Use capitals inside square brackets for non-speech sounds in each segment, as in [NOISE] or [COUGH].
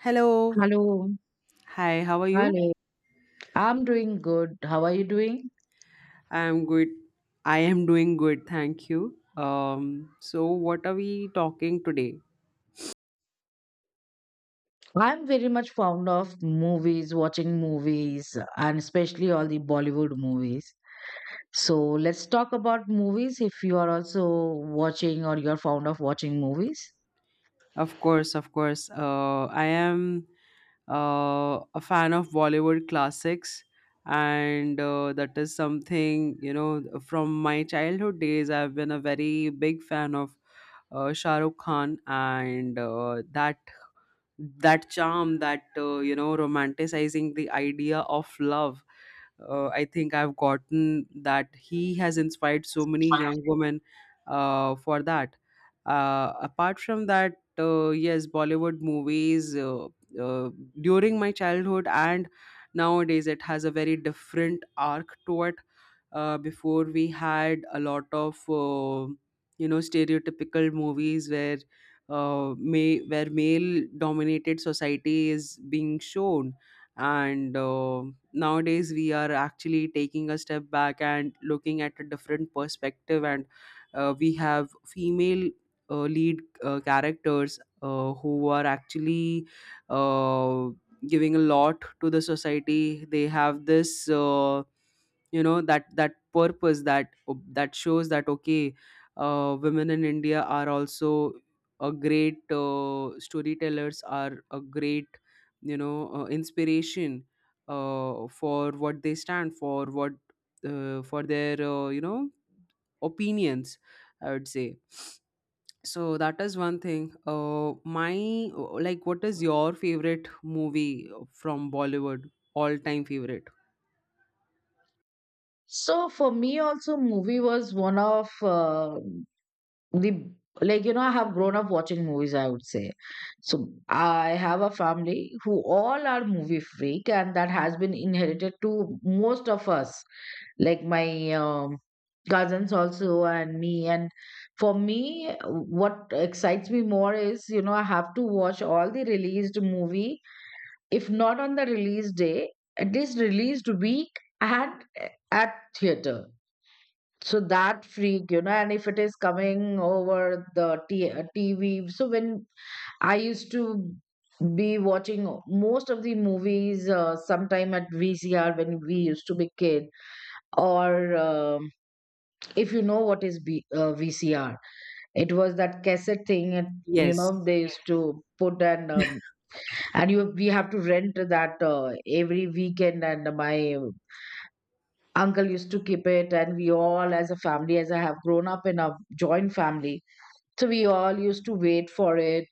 Hello. Hello. Hi, how are you? Hello. I'm doing good. How are you doing? I'm good. I am doing good, thank you. So what are we talking today? I'm very much fond of movies, watching movies, and especially all the Bollywood movies. So let's talk about movies if you are also watching, or you're fond of watching movies. Of course, of course. I am a fan of Bollywood classics, and that is something from my childhood days. I've been a very big fan of Shah Rukh Khan, and that charm, that romanticizing the idea of love. I think I've gotten that he has inspired so many young women for that. Apart from that, yes, Bollywood movies, uh, during my childhood, and nowadays it has a very different arc to it. Before, we had a lot of stereotypical movies where, where male dominated society is being shown. And nowadays we are actually taking a step back and looking at a different perspective, and we have female lead characters who are actually uh, giving a lot to the society. They have this that purpose, that shows that okay, women in India are also a great, storytellers, are a great, inspiration for what they stand for, what for their opinions, I would say. So that is one thing. My, like, what is your favorite movie from Bollywood, all time favorite? So for me also, movie was one of the like you know, I have grown up watching movies, I would say. So I have a family who all are movie freak, and that has been inherited to most of us, like my cousins also and me. And for me, what excites me more is, you know, I have to watch all the released movie, if not on the release day, at least released week at at theater. So that freak, you know. And if it is coming over the tv, so when I used to be watching most of the movies, sometime at vcr when we used to be kid. Or um, if you know what is B, VCR, it was that cassette thing, and you Yes, know, they used to put. And and you, we have to rent that every weekend, and my uncle used to keep it, and we all as a family, as I have grown up in a joint family, so we all used to wait for it.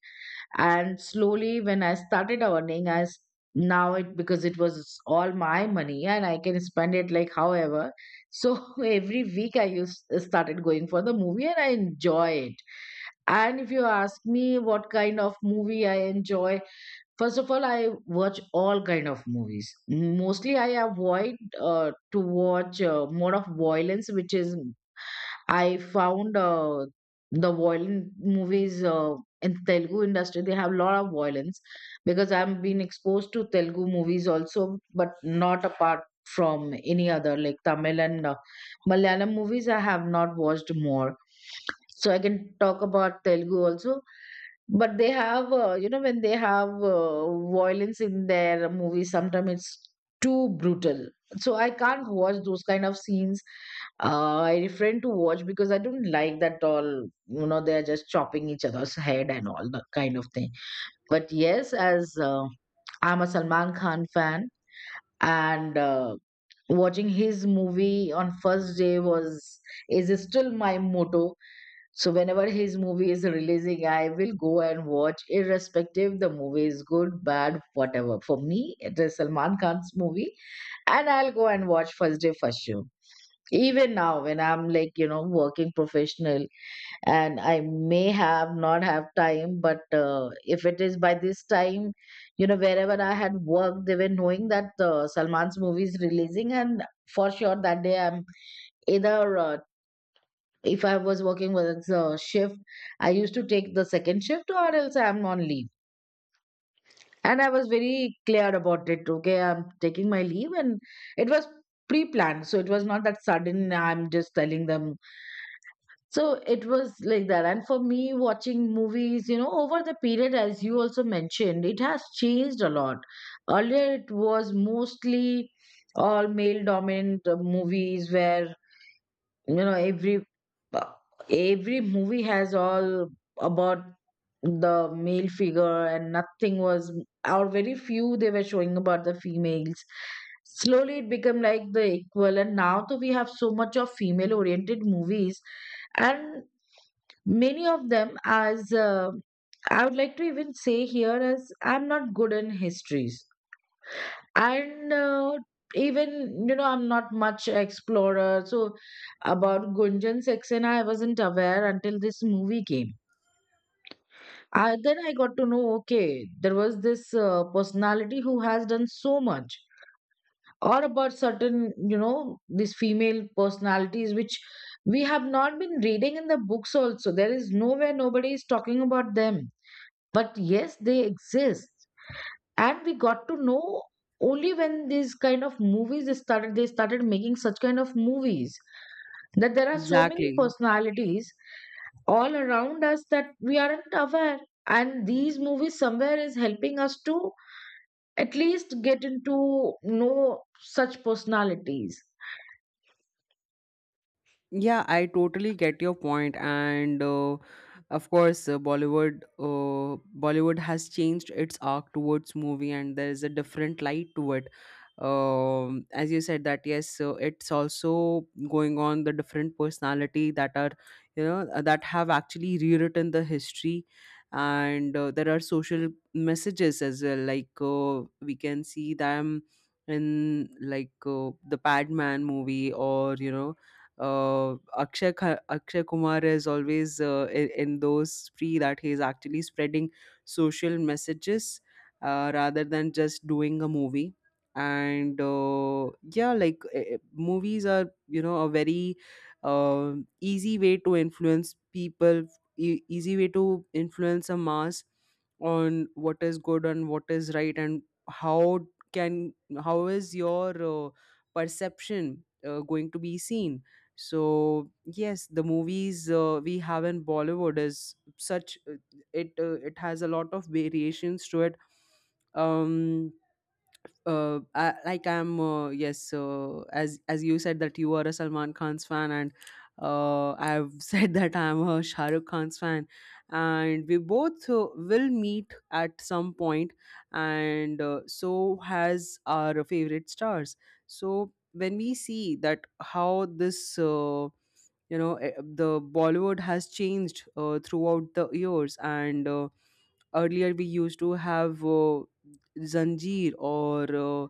And slowly when I started earning, as now it, because it was all my money and I can spend it like however. So [LAUGHS] every week I used started going for the movie and I enjoy it. And if you ask me what kind of movie I enjoy, first of all, I watch all kind of movies. Mostly, I avoid to watch more of violence, which is, I found the violent movies in Telugu industry. They have a lot of violence because I've been exposed to Telugu movies also, but not apart from any other like Tamil and Malayalam movies. I have not watched more. So I can talk about Telugu also. But they have, you know, when they have violence in their movies, sometimes it's too brutal. So I can't watch those kind of scenes. I refrain to watch because I don't like that all. You know, they're just chopping each other's head and all that kind of thing. But yes, as I'm a Salman Khan fan, and watching his movie on first day was is still my motto. So whenever his movie is releasing, I will go and watch, irrespective the movie is good, bad, whatever. For me, it is Salman Khan's movie, and I'll go and watch First Day First Show. Even now, when I'm, like you know, working professional, and I may have not have time, but if it is by this time, you know, wherever I had worked, they were knowing that Salman's movie is releasing, and for sure that day I'm either if I was working with a shift, I used to take the second shift or else I'm on leave. And I was very clear about it. Okay, I'm taking my leave, and it was pre planned. So it was not that sudden, I'm just telling them. So it was like that. And for me, watching movies, you know, over the period, as you also mentioned, it has changed a lot. Earlier, it was mostly all male dominant movies where you know uh, every movie has all about the male figure, and nothing was, or very few, they were showing about the females. Slowly it became like the equal, and now though we have so much of female oriented movies. And many of them, as I would like to even say here, as I'm not good in histories, and even you know, I'm not much explorer. So about Gunjan Saxena, I wasn't aware until this movie came. Then I got to know, okay, there was this personality who has done so much, or about certain, you know, these female personalities which we have not been reading in the books also. There is nowhere, nobody is talking about them, but yes, they exist, and we got to know only when these kind of movies started, they started making such kind of movies that there are so many exactly. personalities all around us that we aren't aware. And these movies somewhere is helping us to at least get into know such personalities. Yeah, I totally get your point, and of course, Bollywood has changed its arc towards movie, and there is a different light to it. As you said that yes, it's also going on the different personality that are that have actually rewritten the history, and there are social messages as well. Like we can see them in, like, the Padman movie, or Akshay Kumar is always in those free, that he's actually spreading social messages rather than just doing a movie. And yeah, like movies are, a very uh, easy way to influence people, easy way to influence a mass, on what is good and what is right, and how can, how is your perception going to be seen. So yes, the movies we have in Bollywood is such, it has a lot of variations to it. um I, like I'm yes, as you said that you are a Salman Khan's fan, and I've [LAUGHS] said that I'm a Shah Rukh Khan's fan, and we both will meet at some point, and so has our favorite stars. So when we see that how this, you know eh, the Bollywood has changed throughout the years, and earlier we used to have Zanjeer, or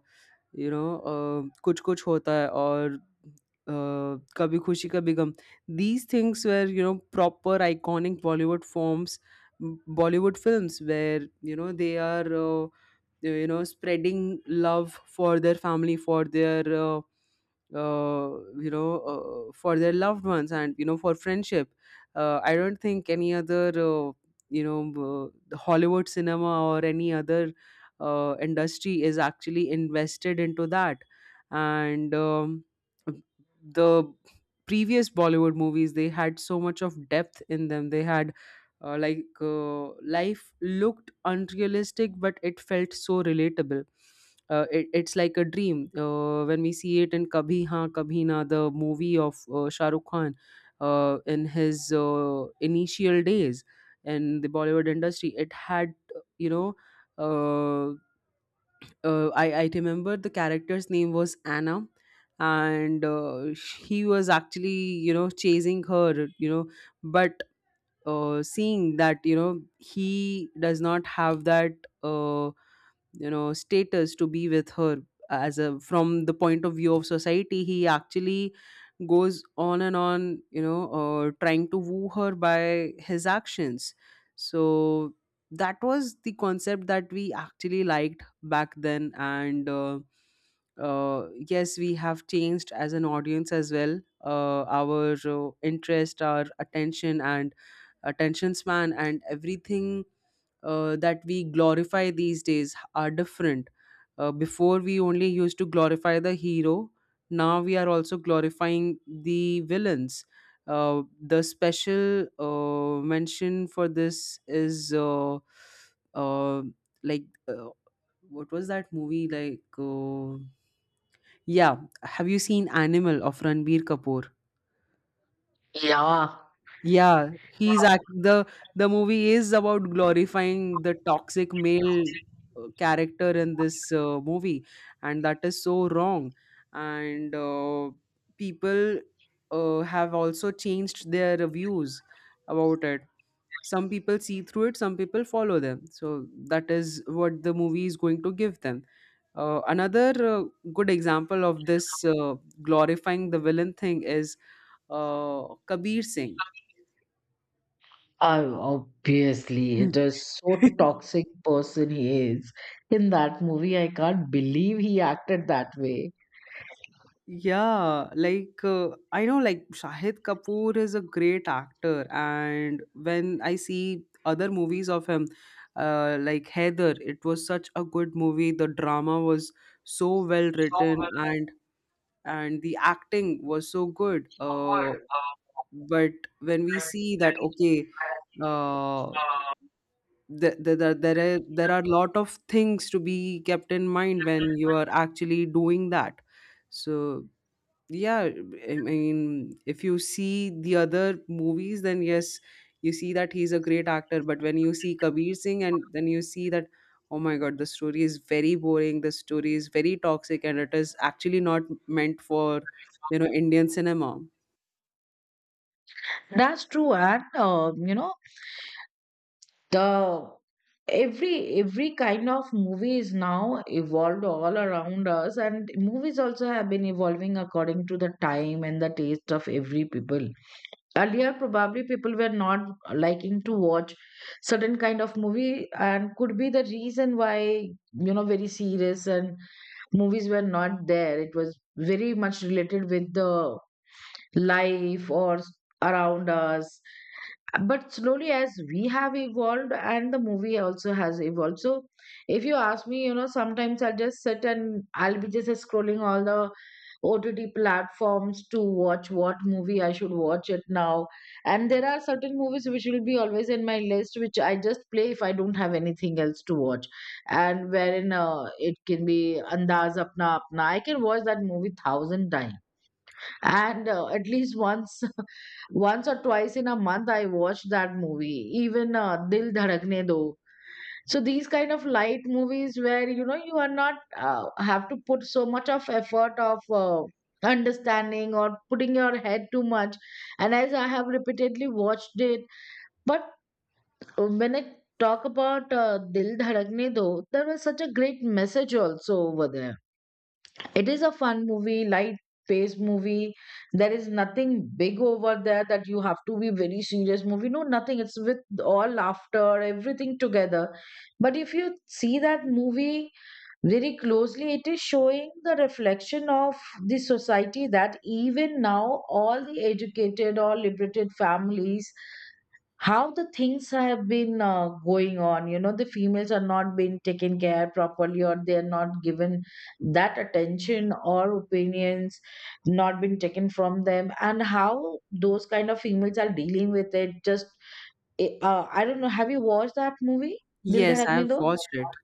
you know uh, Kuch Kuch Hota Hai, or uh, Kabhi Khushi Kabhi Gum. These things were, proper iconic Bollywood forms, Bollywood films where, they are spreading love for their family, for their for their loved ones, and for friendship. I don't think any other, you know the Hollywood cinema or any other industry is actually invested into that. And the previous Bollywood movies, they had so much of depth in them. They had, like, life looked unrealistic, but it felt so relatable. It's like a dream, when we see it in Kabhi Haan Kabhi Na, the movie of Shah Rukh Khan, in his initial days in the Bollywood industry. It had, you know uh, I remember the character's name was Anna, and he was actually, chasing her, but seeing that, he does not have that uh, status to be with her, as a, from the point of view of society. He actually goes on and on, trying to woo her by his actions. So that was the concept that we actually liked back then. And yes, we have changed as an audience as well. Our interest, our attention, and attention span, and everything that we glorify these days are different. Before we only used to glorify the hero, now we are also glorifying the villains. The special mention for this is, uh, like uh, what was that movie like? Yeah, have you seen Animal of Ranbir Kapoor? Yeah, Yeah, he's act oh, the movie is about glorifying the toxic male character in this movie, and that is so wrong. And people have also changed their views about it. Some people see through it, some people follow them. So that is what the movie is going to give them. Another good example of this glorifying the villain thing is Kabir Singh. obviously, it is so [LAUGHS] toxic person he is in that movie. I can't believe he acted that way. Yeah, like I know, like, Shahid Kapoor is a great actor, and when I see other movies of him, like Heather, it was such a good movie. The drama was so well written, and the acting was so good. But when we see that, okay, uh, there are lot of things to be kept in mind when you are actually doing that. So yeah, I mean, if you see the other movies, then yes, you see that he's a great actor. But when you see Kabir Singh and then you see that, oh my god, the story is very boring, the story is very toxic, and it is actually not meant for, Indian cinema. That's true, and you know, the every kind of movie is now evolved all around us, and movies also have been evolving according to the time and the taste of every people. Earlier, probably people were not liking to watch certain kind of movie, and could be the reason why, you know, very serious and movies were not there. It was very much related with the life or around us. But slowly as we have evolved and the movie also has evolved. So if you ask me, you know, sometimes I will just sit and I'll be just scrolling all the OTT platforms to watch what movie I should watch it now. And there are certain movies which will be always in my list which I just play if I don't have anything else to watch. And wherein it can be Andaz Apna Apna, I can watch that movie thousand times. And at least once [LAUGHS] once or twice in a month I watch that movie. Even Dil Dhadakne Do. So these kind of light movies where you know you are not have to put so much of effort of understanding or putting your head too much, and as I have repeatedly watched it. But when I talk about Dil Dhadakne Do, there was such a great message also over there. It is a fun movie, light paced movie. There is nothing big over there that you have to be very serious movie. No, nothing. It's with all laughter, everything together. But if you see that movie very closely, it is showing the reflection of the society that even now all the educated or liberated families, how the things have been going on, you know, the females are not being taken care properly, or they are not given that attention or opinions not been taken from them, and how those kind of females are dealing with it. Just I don't know, have you watched that movie Dil Yes, I have Dhadakne Do? watched it.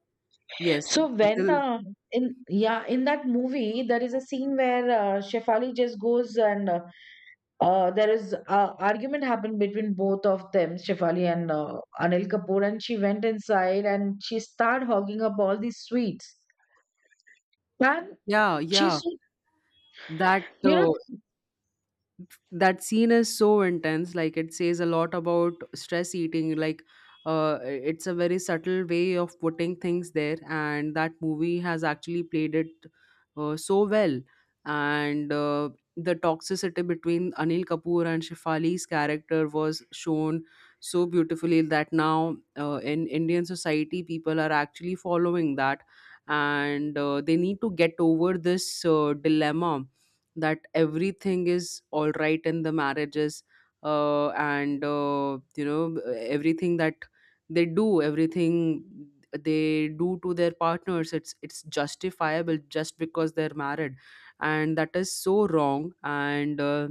yes So when the, in yeah in that movie there is a scene where Shefali just goes and there is argument happened between both of them, Shefali and Anil Kapoor, and she went inside and she started hogging up all these sweets. And Yeah, she, yeah. so- That you know, uh, that scene is so intense. Like, it says a lot about stress eating. Like it's a very subtle way of putting things there, and that movie has actually played it so well. And the toxicity between Anil Kapoor and Shefali's character was shown so beautifully that now, in Indian society, people are actually following that, and they need to get over this dilemma that everything is all right in the marriages, and everything that they do, everything they do to their partners, it's justifiable just because they're married, and that is so wrong. And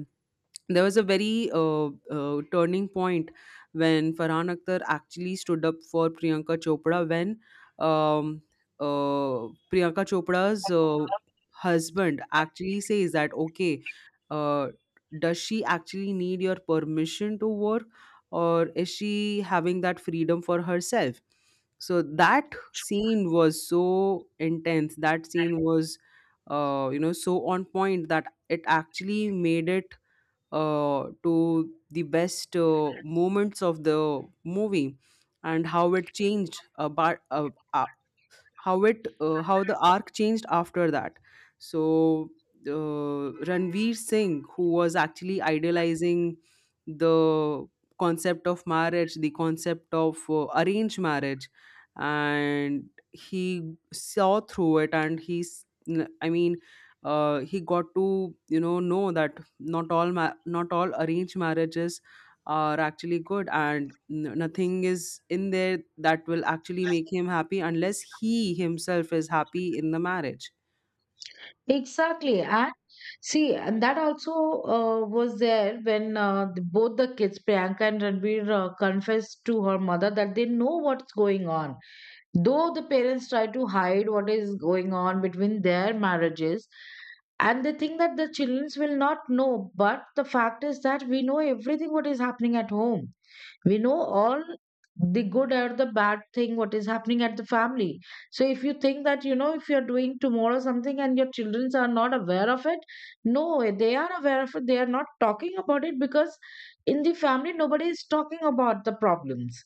there was a very turning point when Farhan Akhtar actually stood up for Priyanka Chopra, when um, Priyanka Chopra's husband actually says that, okay, uh, does she actually need your permission to work, or is she having that freedom for herself? So that scene was so intense. That scene was, so on point that it actually made it to the best moments of the movie, and how it changed, how it, how the arc changed after that. So Ranveer Singh, who was actually idealizing the concept of marriage, the concept of arranged marriage, and he saw through it, and he's, I mean, he got to, know that not all arranged marriages are actually good, and nothing is in there that will actually make him happy unless he himself is happy in the marriage. exactly. And see, and that also was there when both the kids, Priyanka and Ranbir, confessed to her mother that they know what's going on. Though the parents try to hide what is going on between their marriages, and they think that the children will not know, but the fact is that we know everything what is happening at home. We know all the good or the bad thing what is happening at the family. So if you think that, you know, if you're doing tomorrow something and your children are not aware of it, no, they are aware of it. They are not talking about it because in the family nobody is talking about the problems.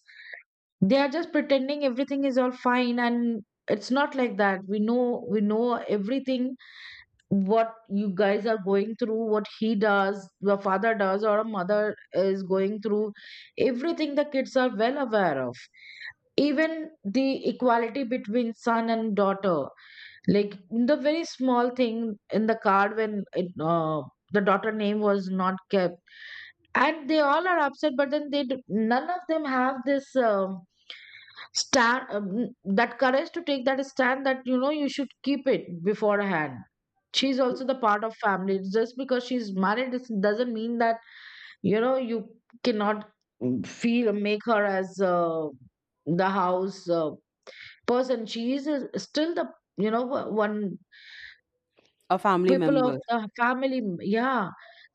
They are just pretending everything is all fine, and it's not like that. We know, we know everything what you guys are going through, what he does, the father does, or a mother is going through. Everything the kids are well aware of, even the equality between son and daughter. Like, the very small thing in the card when the daughter name was not kept, and they all are upset. But then none of them have this stand, that courage to take that stand that you should keep it beforehand. She's also the part of family, just because she's married, it doesn't mean that you cannot, mm, feel make her as the house person. She is still the you know one A family people of member. the family, yeah.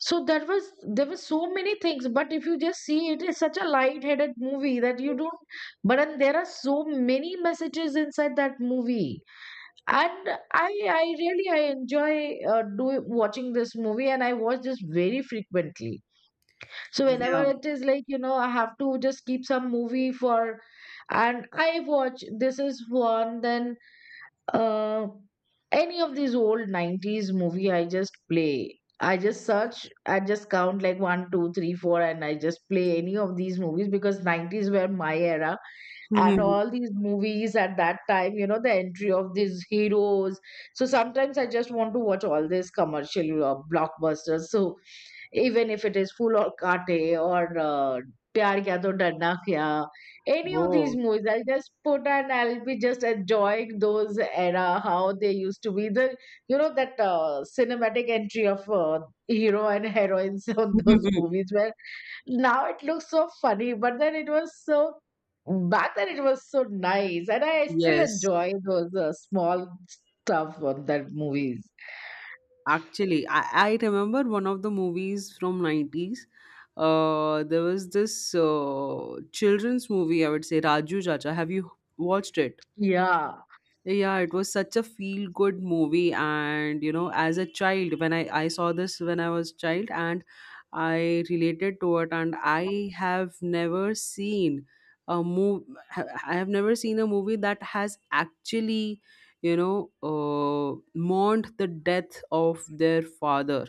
So there were so many things, but if you just see, it is such a light-headed movie that you don't. But and there are so many messages inside that movie. And i I really I enjoy do watching this movie, and I watch this very frequently. So whenever Yeah. it is, like, I have to just keep some movie for, and I watch, this is one. Then uh, any of these old 90s movie, I just play, I just search, I just count, like, one two three four, and I just play any of these movies because 90s were my era. And [LAUGHS] all these movies at that time, the entry of these heroes. So sometimes I just want to watch all these commercial blockbusters. So even if it is Phool Aur Kaante or Pyar Kiya To Darna Kya, any of these Oh. movies, I'll just put, and I'll be just enjoying those era, how they used to be. The, that, cinematic entry of hero and heroines [LAUGHS] on those [LAUGHS] movies, where now it looks so funny, but then it was so. Back then it was so nice, and I still Yes. enjoy those small stuff on that movies. Actually, I remember one of the movies from 90s. There was this children's movie, I would say, Raju Chacha. Have you watched it? Yeah, Yeah, it was such a feel good movie, and as a child when I saw this when I was child, and I related to it. And a move I have never seen a movie that has actually mourned the death of their father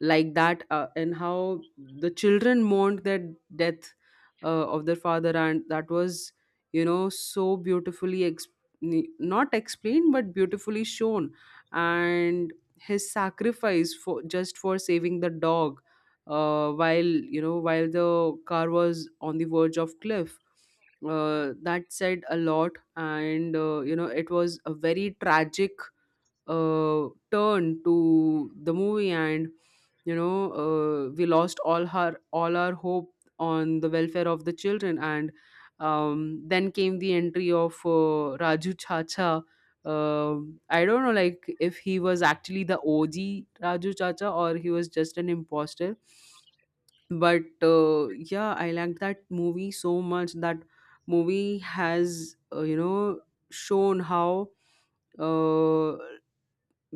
like that, and how the children mourned the death uh, of their father. And that was so beautifully not explained but beautifully shown. And his sacrifice, for just for saving the dog, while you know while the car was on the verge of cliff, that said a lot. And it was a very tragic turn to the movie. And we lost all our hope on the welfare of the children. And then came the entry of Raju Chacha. Um I don't know, like, if he was actually the OG Raju Chacha or he was just an imposter. But yeah, I liked that movie so much. That movie has shown how uh,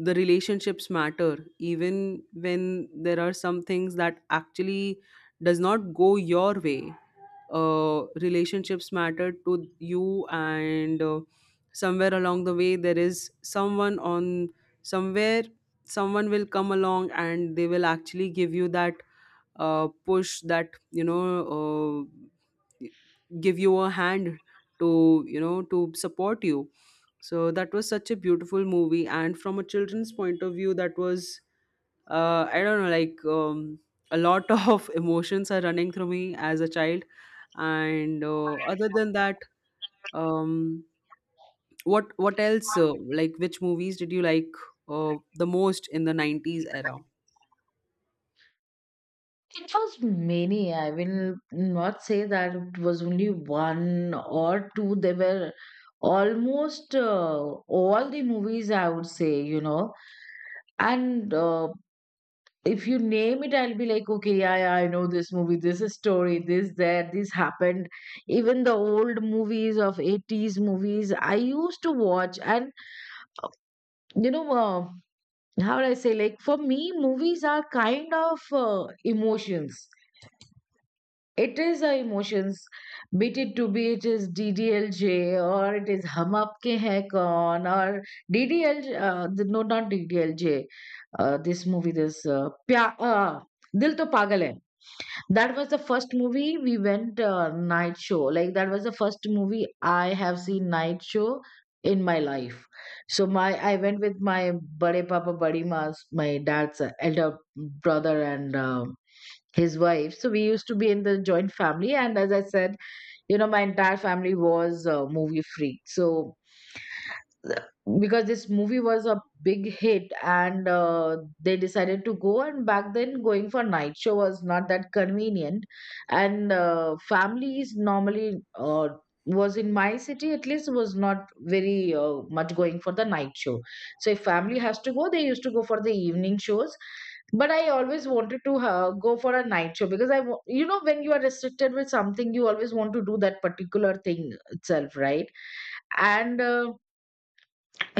the relationships matter even when there are some things that actually does not go your way. Relationships matter to you. And somewhere along the way, there is someone on somewhere someone will come along, and they will actually give you that push, that uh, give you a hand to support you. So that was such a beautiful movie. And from a children's point of view, that was I don't know, like, a lot [LAUGHS] of emotions are running through me as a child. And other than that, um, what else, like, which movies did you like the most in the 90s era? [LAUGHS] it was many. I will not say that it was only one or two. They were almost all the movies, I would say, you know. And if you name it, I'll be like, okay, yeah, yeah, I know this movie, this is story, this, that, this happened. Even the old movies of 80s movies, I used to watch. And, you know, how would I say, like, for me, movies are kind of emotions. It is our emotions, be it to be, it is DDLJ, or it is Hum Aapke Hain Kaun, or DDL, no, not DDLJ. This movie, this Dil To Pagal Hai. That was the first movie we went night show. Like, that was the first movie I have seen night show in my life. So my I went with my bade papa, badi mas, my dad's elder brother, and his wife. So we used to be in the joint family, and as I said, my entire family was movie freak. So because this movie was a big hit, and they decided to go. And back then going for night show was not that convenient, and families normally, was in my city at least, was not very much going for the night show. So if family has to go, they used to go for the evening shows. But I always wanted to go for a night show because, when you are restricted with something, you always want to do that particular thing itself, right? And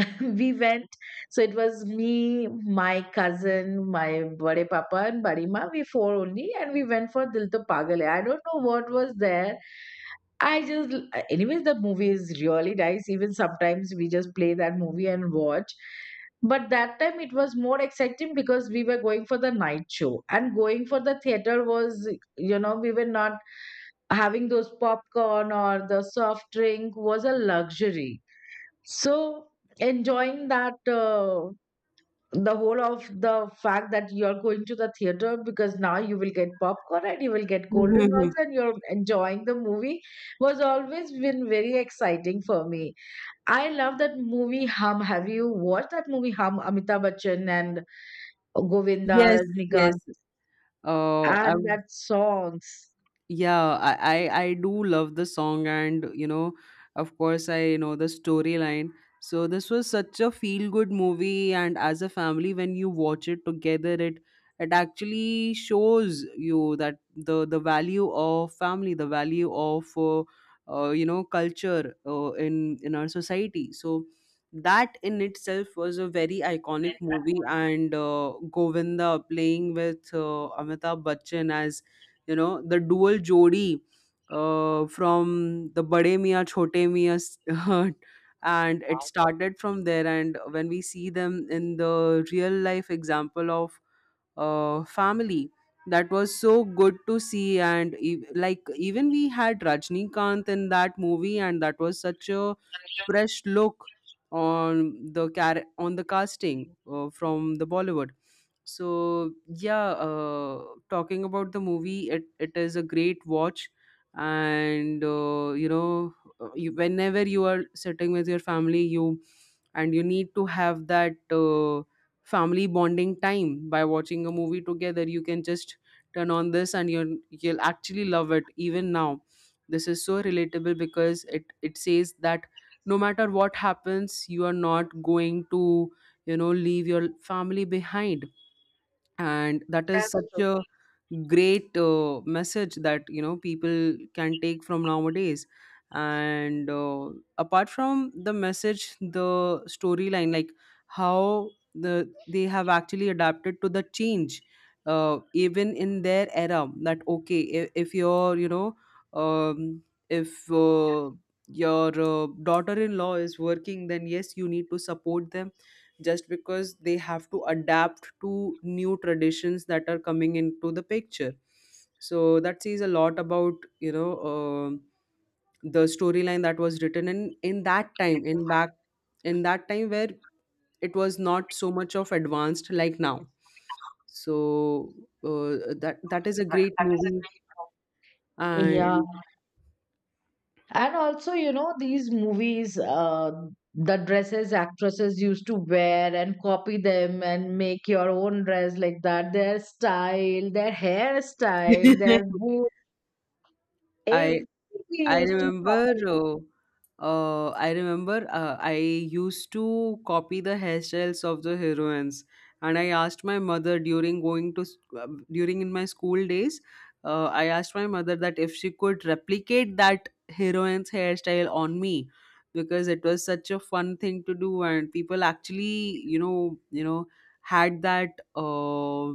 [LAUGHS] we went. So it was me, my cousin, my bade papa, and badi ma. We four only, and we went for Dil To Pagal Hai. I don't know what was there. I just Anyways, the movie is really nice, even sometimes we just play that movie and watch. But that time it was more exciting because we were going for the night show. And going for the theater was, we were not having those popcorn, or the soft drink was a luxury. So enjoying that the whole of the fact that you're going to the theater, because now you will get popcorn, and you will get cold drink also, Mhm. and you're enjoying the movie was always been very exciting for me. I love that movie Hum. Have you watched that movie Hum? Amitabh Bachchan and Govinda, Yes, yes, Rajnikant, and I've that songs. yeah, I do love the song. And of course I know the storyline. So this was such a feel good movie, and as a family, when you watch it together, it actually shows you that the value of family, the value of culture, in our society. So that in itself was a very iconic movie. And Govinda playing with Amitabh Bachchan as the dual jodi, from the Bade Mia Chote Mia [LAUGHS] and it started from there. And when we see them in the real life example of family, that was so good to see. And like, even we had Rajnikant in that movie, and that was such a fresh look on the casting, from the Bollywood. So yeah, talking about the movie, it is a great watch. And whenever you are sitting with your family, you need to have that family bonding time by watching a movie together. You can just turn on this, and you'll actually love it even now. This is so relatable, because it says that no matter what happens, you are not going to leave your family behind. And that is That's such true. a great message that people can take from nowadays. And apart from the message, the storyline, like, how they have actually adapted to the change, even in their era. That, okay, if your you know um, if your daughter-in-law is working, then yes, you need to support them, just because they have to adapt to new traditions that are coming into the picture. So that says a lot about you know um the storyline that was written in back in that time, where it was not so much of advanced like now. So uh, that is a great movie. Yeah. And And also, these movies, the dresses actresses used to wear and copy them and make your own dress like that. Their style, their hairstyle, their [LAUGHS] boot, i everything we I used to remember. copy. I remember. I used to copy the hairstyles of the heroines, and I asked my mother during in my school days. I asked my mother that if she could replicate that heroine's hairstyle on me, because it was such a fun thing to do. And people actually, had that Uh,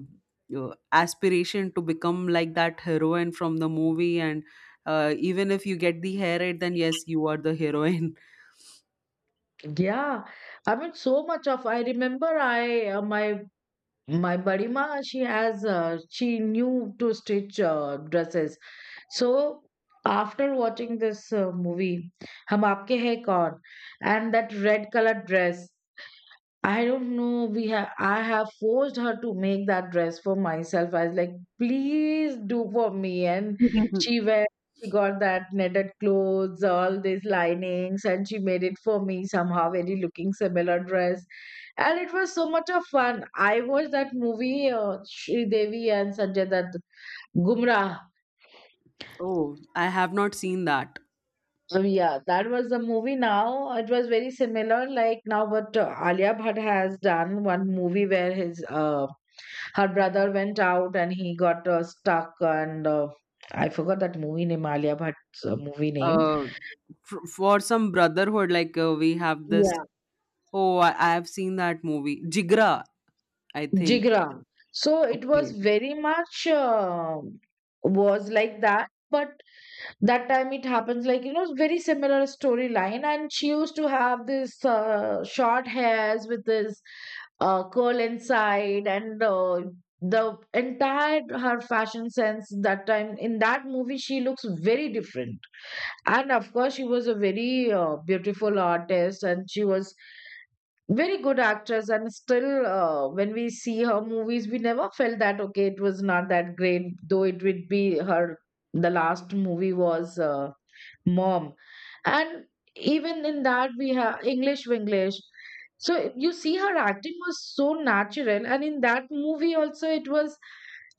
uh, aspiration to become like that heroine from the movie. And even if you get the hair right, then yes, you are the heroine. Yeah, I mean, so much of. I remember, I my My Badima, she knew to stitch dresses. So after watching this movie, Hum Aapke Hai Kaun, and that red colored dress, I don't know, I have forced her to make that dress for myself. I was like, please do for me. And [LAUGHS] she wear, she got that knitted clothes, all these linings, and she made it for me somehow, very looking similar dress, and it was so much of fun. I watched that movie, Sri Devi and Sanjay Dutt, Gumrah. Oh, I have not seen that. Yeah, that was the movie. Now it was very similar, like, now what Alia Bhatt has done one movie where his, her brother went out, and he got stuck, and I forgot that movie name, Alia Bhatt's movie name. uh, for some brotherhood, like, we have this. Yeah, Oh, I have seen that movie Jigra, I think. Jigra. So it was Okay. very much, was like that. But that time it happens, like, very similar storyline, and she used to have this short hairs with this curl inside, and the entire her fashion sense that time in that movie, she looks very different. And of course, she was a very beautiful artist, and she was very good actress. And still, when we see her movies, we never felt that, okay, it was not that great, though it would be her. The last movie was Mom. And even in that, we have English Winglish. So you see, her acting was so natural. And in that movie also, it was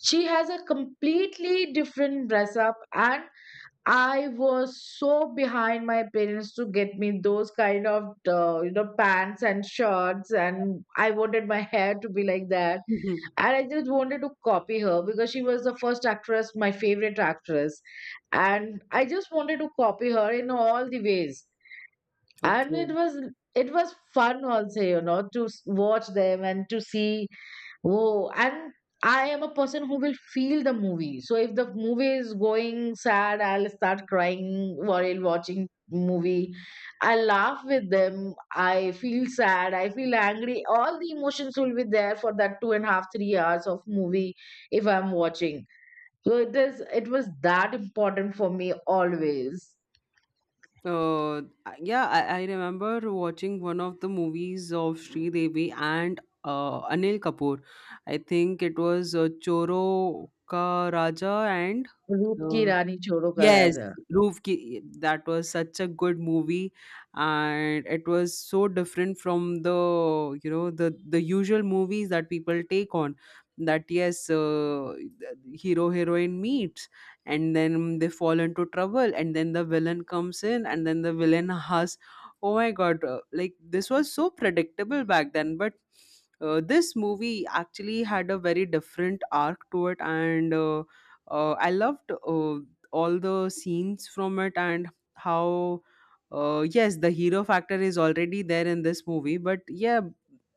she has a completely different dress up. And I was so behind my parents to get me those kind of, pants and shirts. And I wanted my hair to be like that. [LAUGHS] And I just wanted to copy her because she was the first actress, my favorite actress. And I just wanted to copy her in all the ways. And Okay. it was fun also, to watch them and to see. Oh, and I am a person who will feel the movie. So if the movie is going sad, I'll start crying while watching movie. I laugh with them. I feel sad. I feel angry. All the emotions will be there for that 2.5-3 hours of movie if I'm watching. So it is. It was that important for me always. Uh, yeah, I remember watching one of the movies of Sri Devi and Anil Kapoor. I think it was Choro Ka Raja. And Root ki uh, Rani Choro Kar yes, Aaja. Roof Ki, that was such a good movie. And it was so different from the you know the usual movies that people take on. That, yes, the hero heroine meets, and then they fall into trouble, and then the villain comes in, and then the villain [LAUGHS] has. Oh my god, like, this was so predictable back then. But this movie actually had a very different arc to it. And I loved all the scenes from it. And how, yes, the hero factor is already there in this movie, but yeah,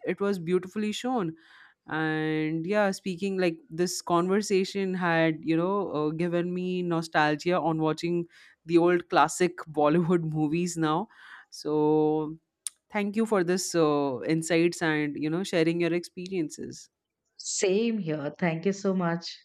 it was beautifully shown. And yeah, speaking like this, conversation had given me nostalgia on watching the old classic [LAUGHS] Bollywood movies now. So thank you for this insights, and sharing your experiences. Same here. Thank you so much.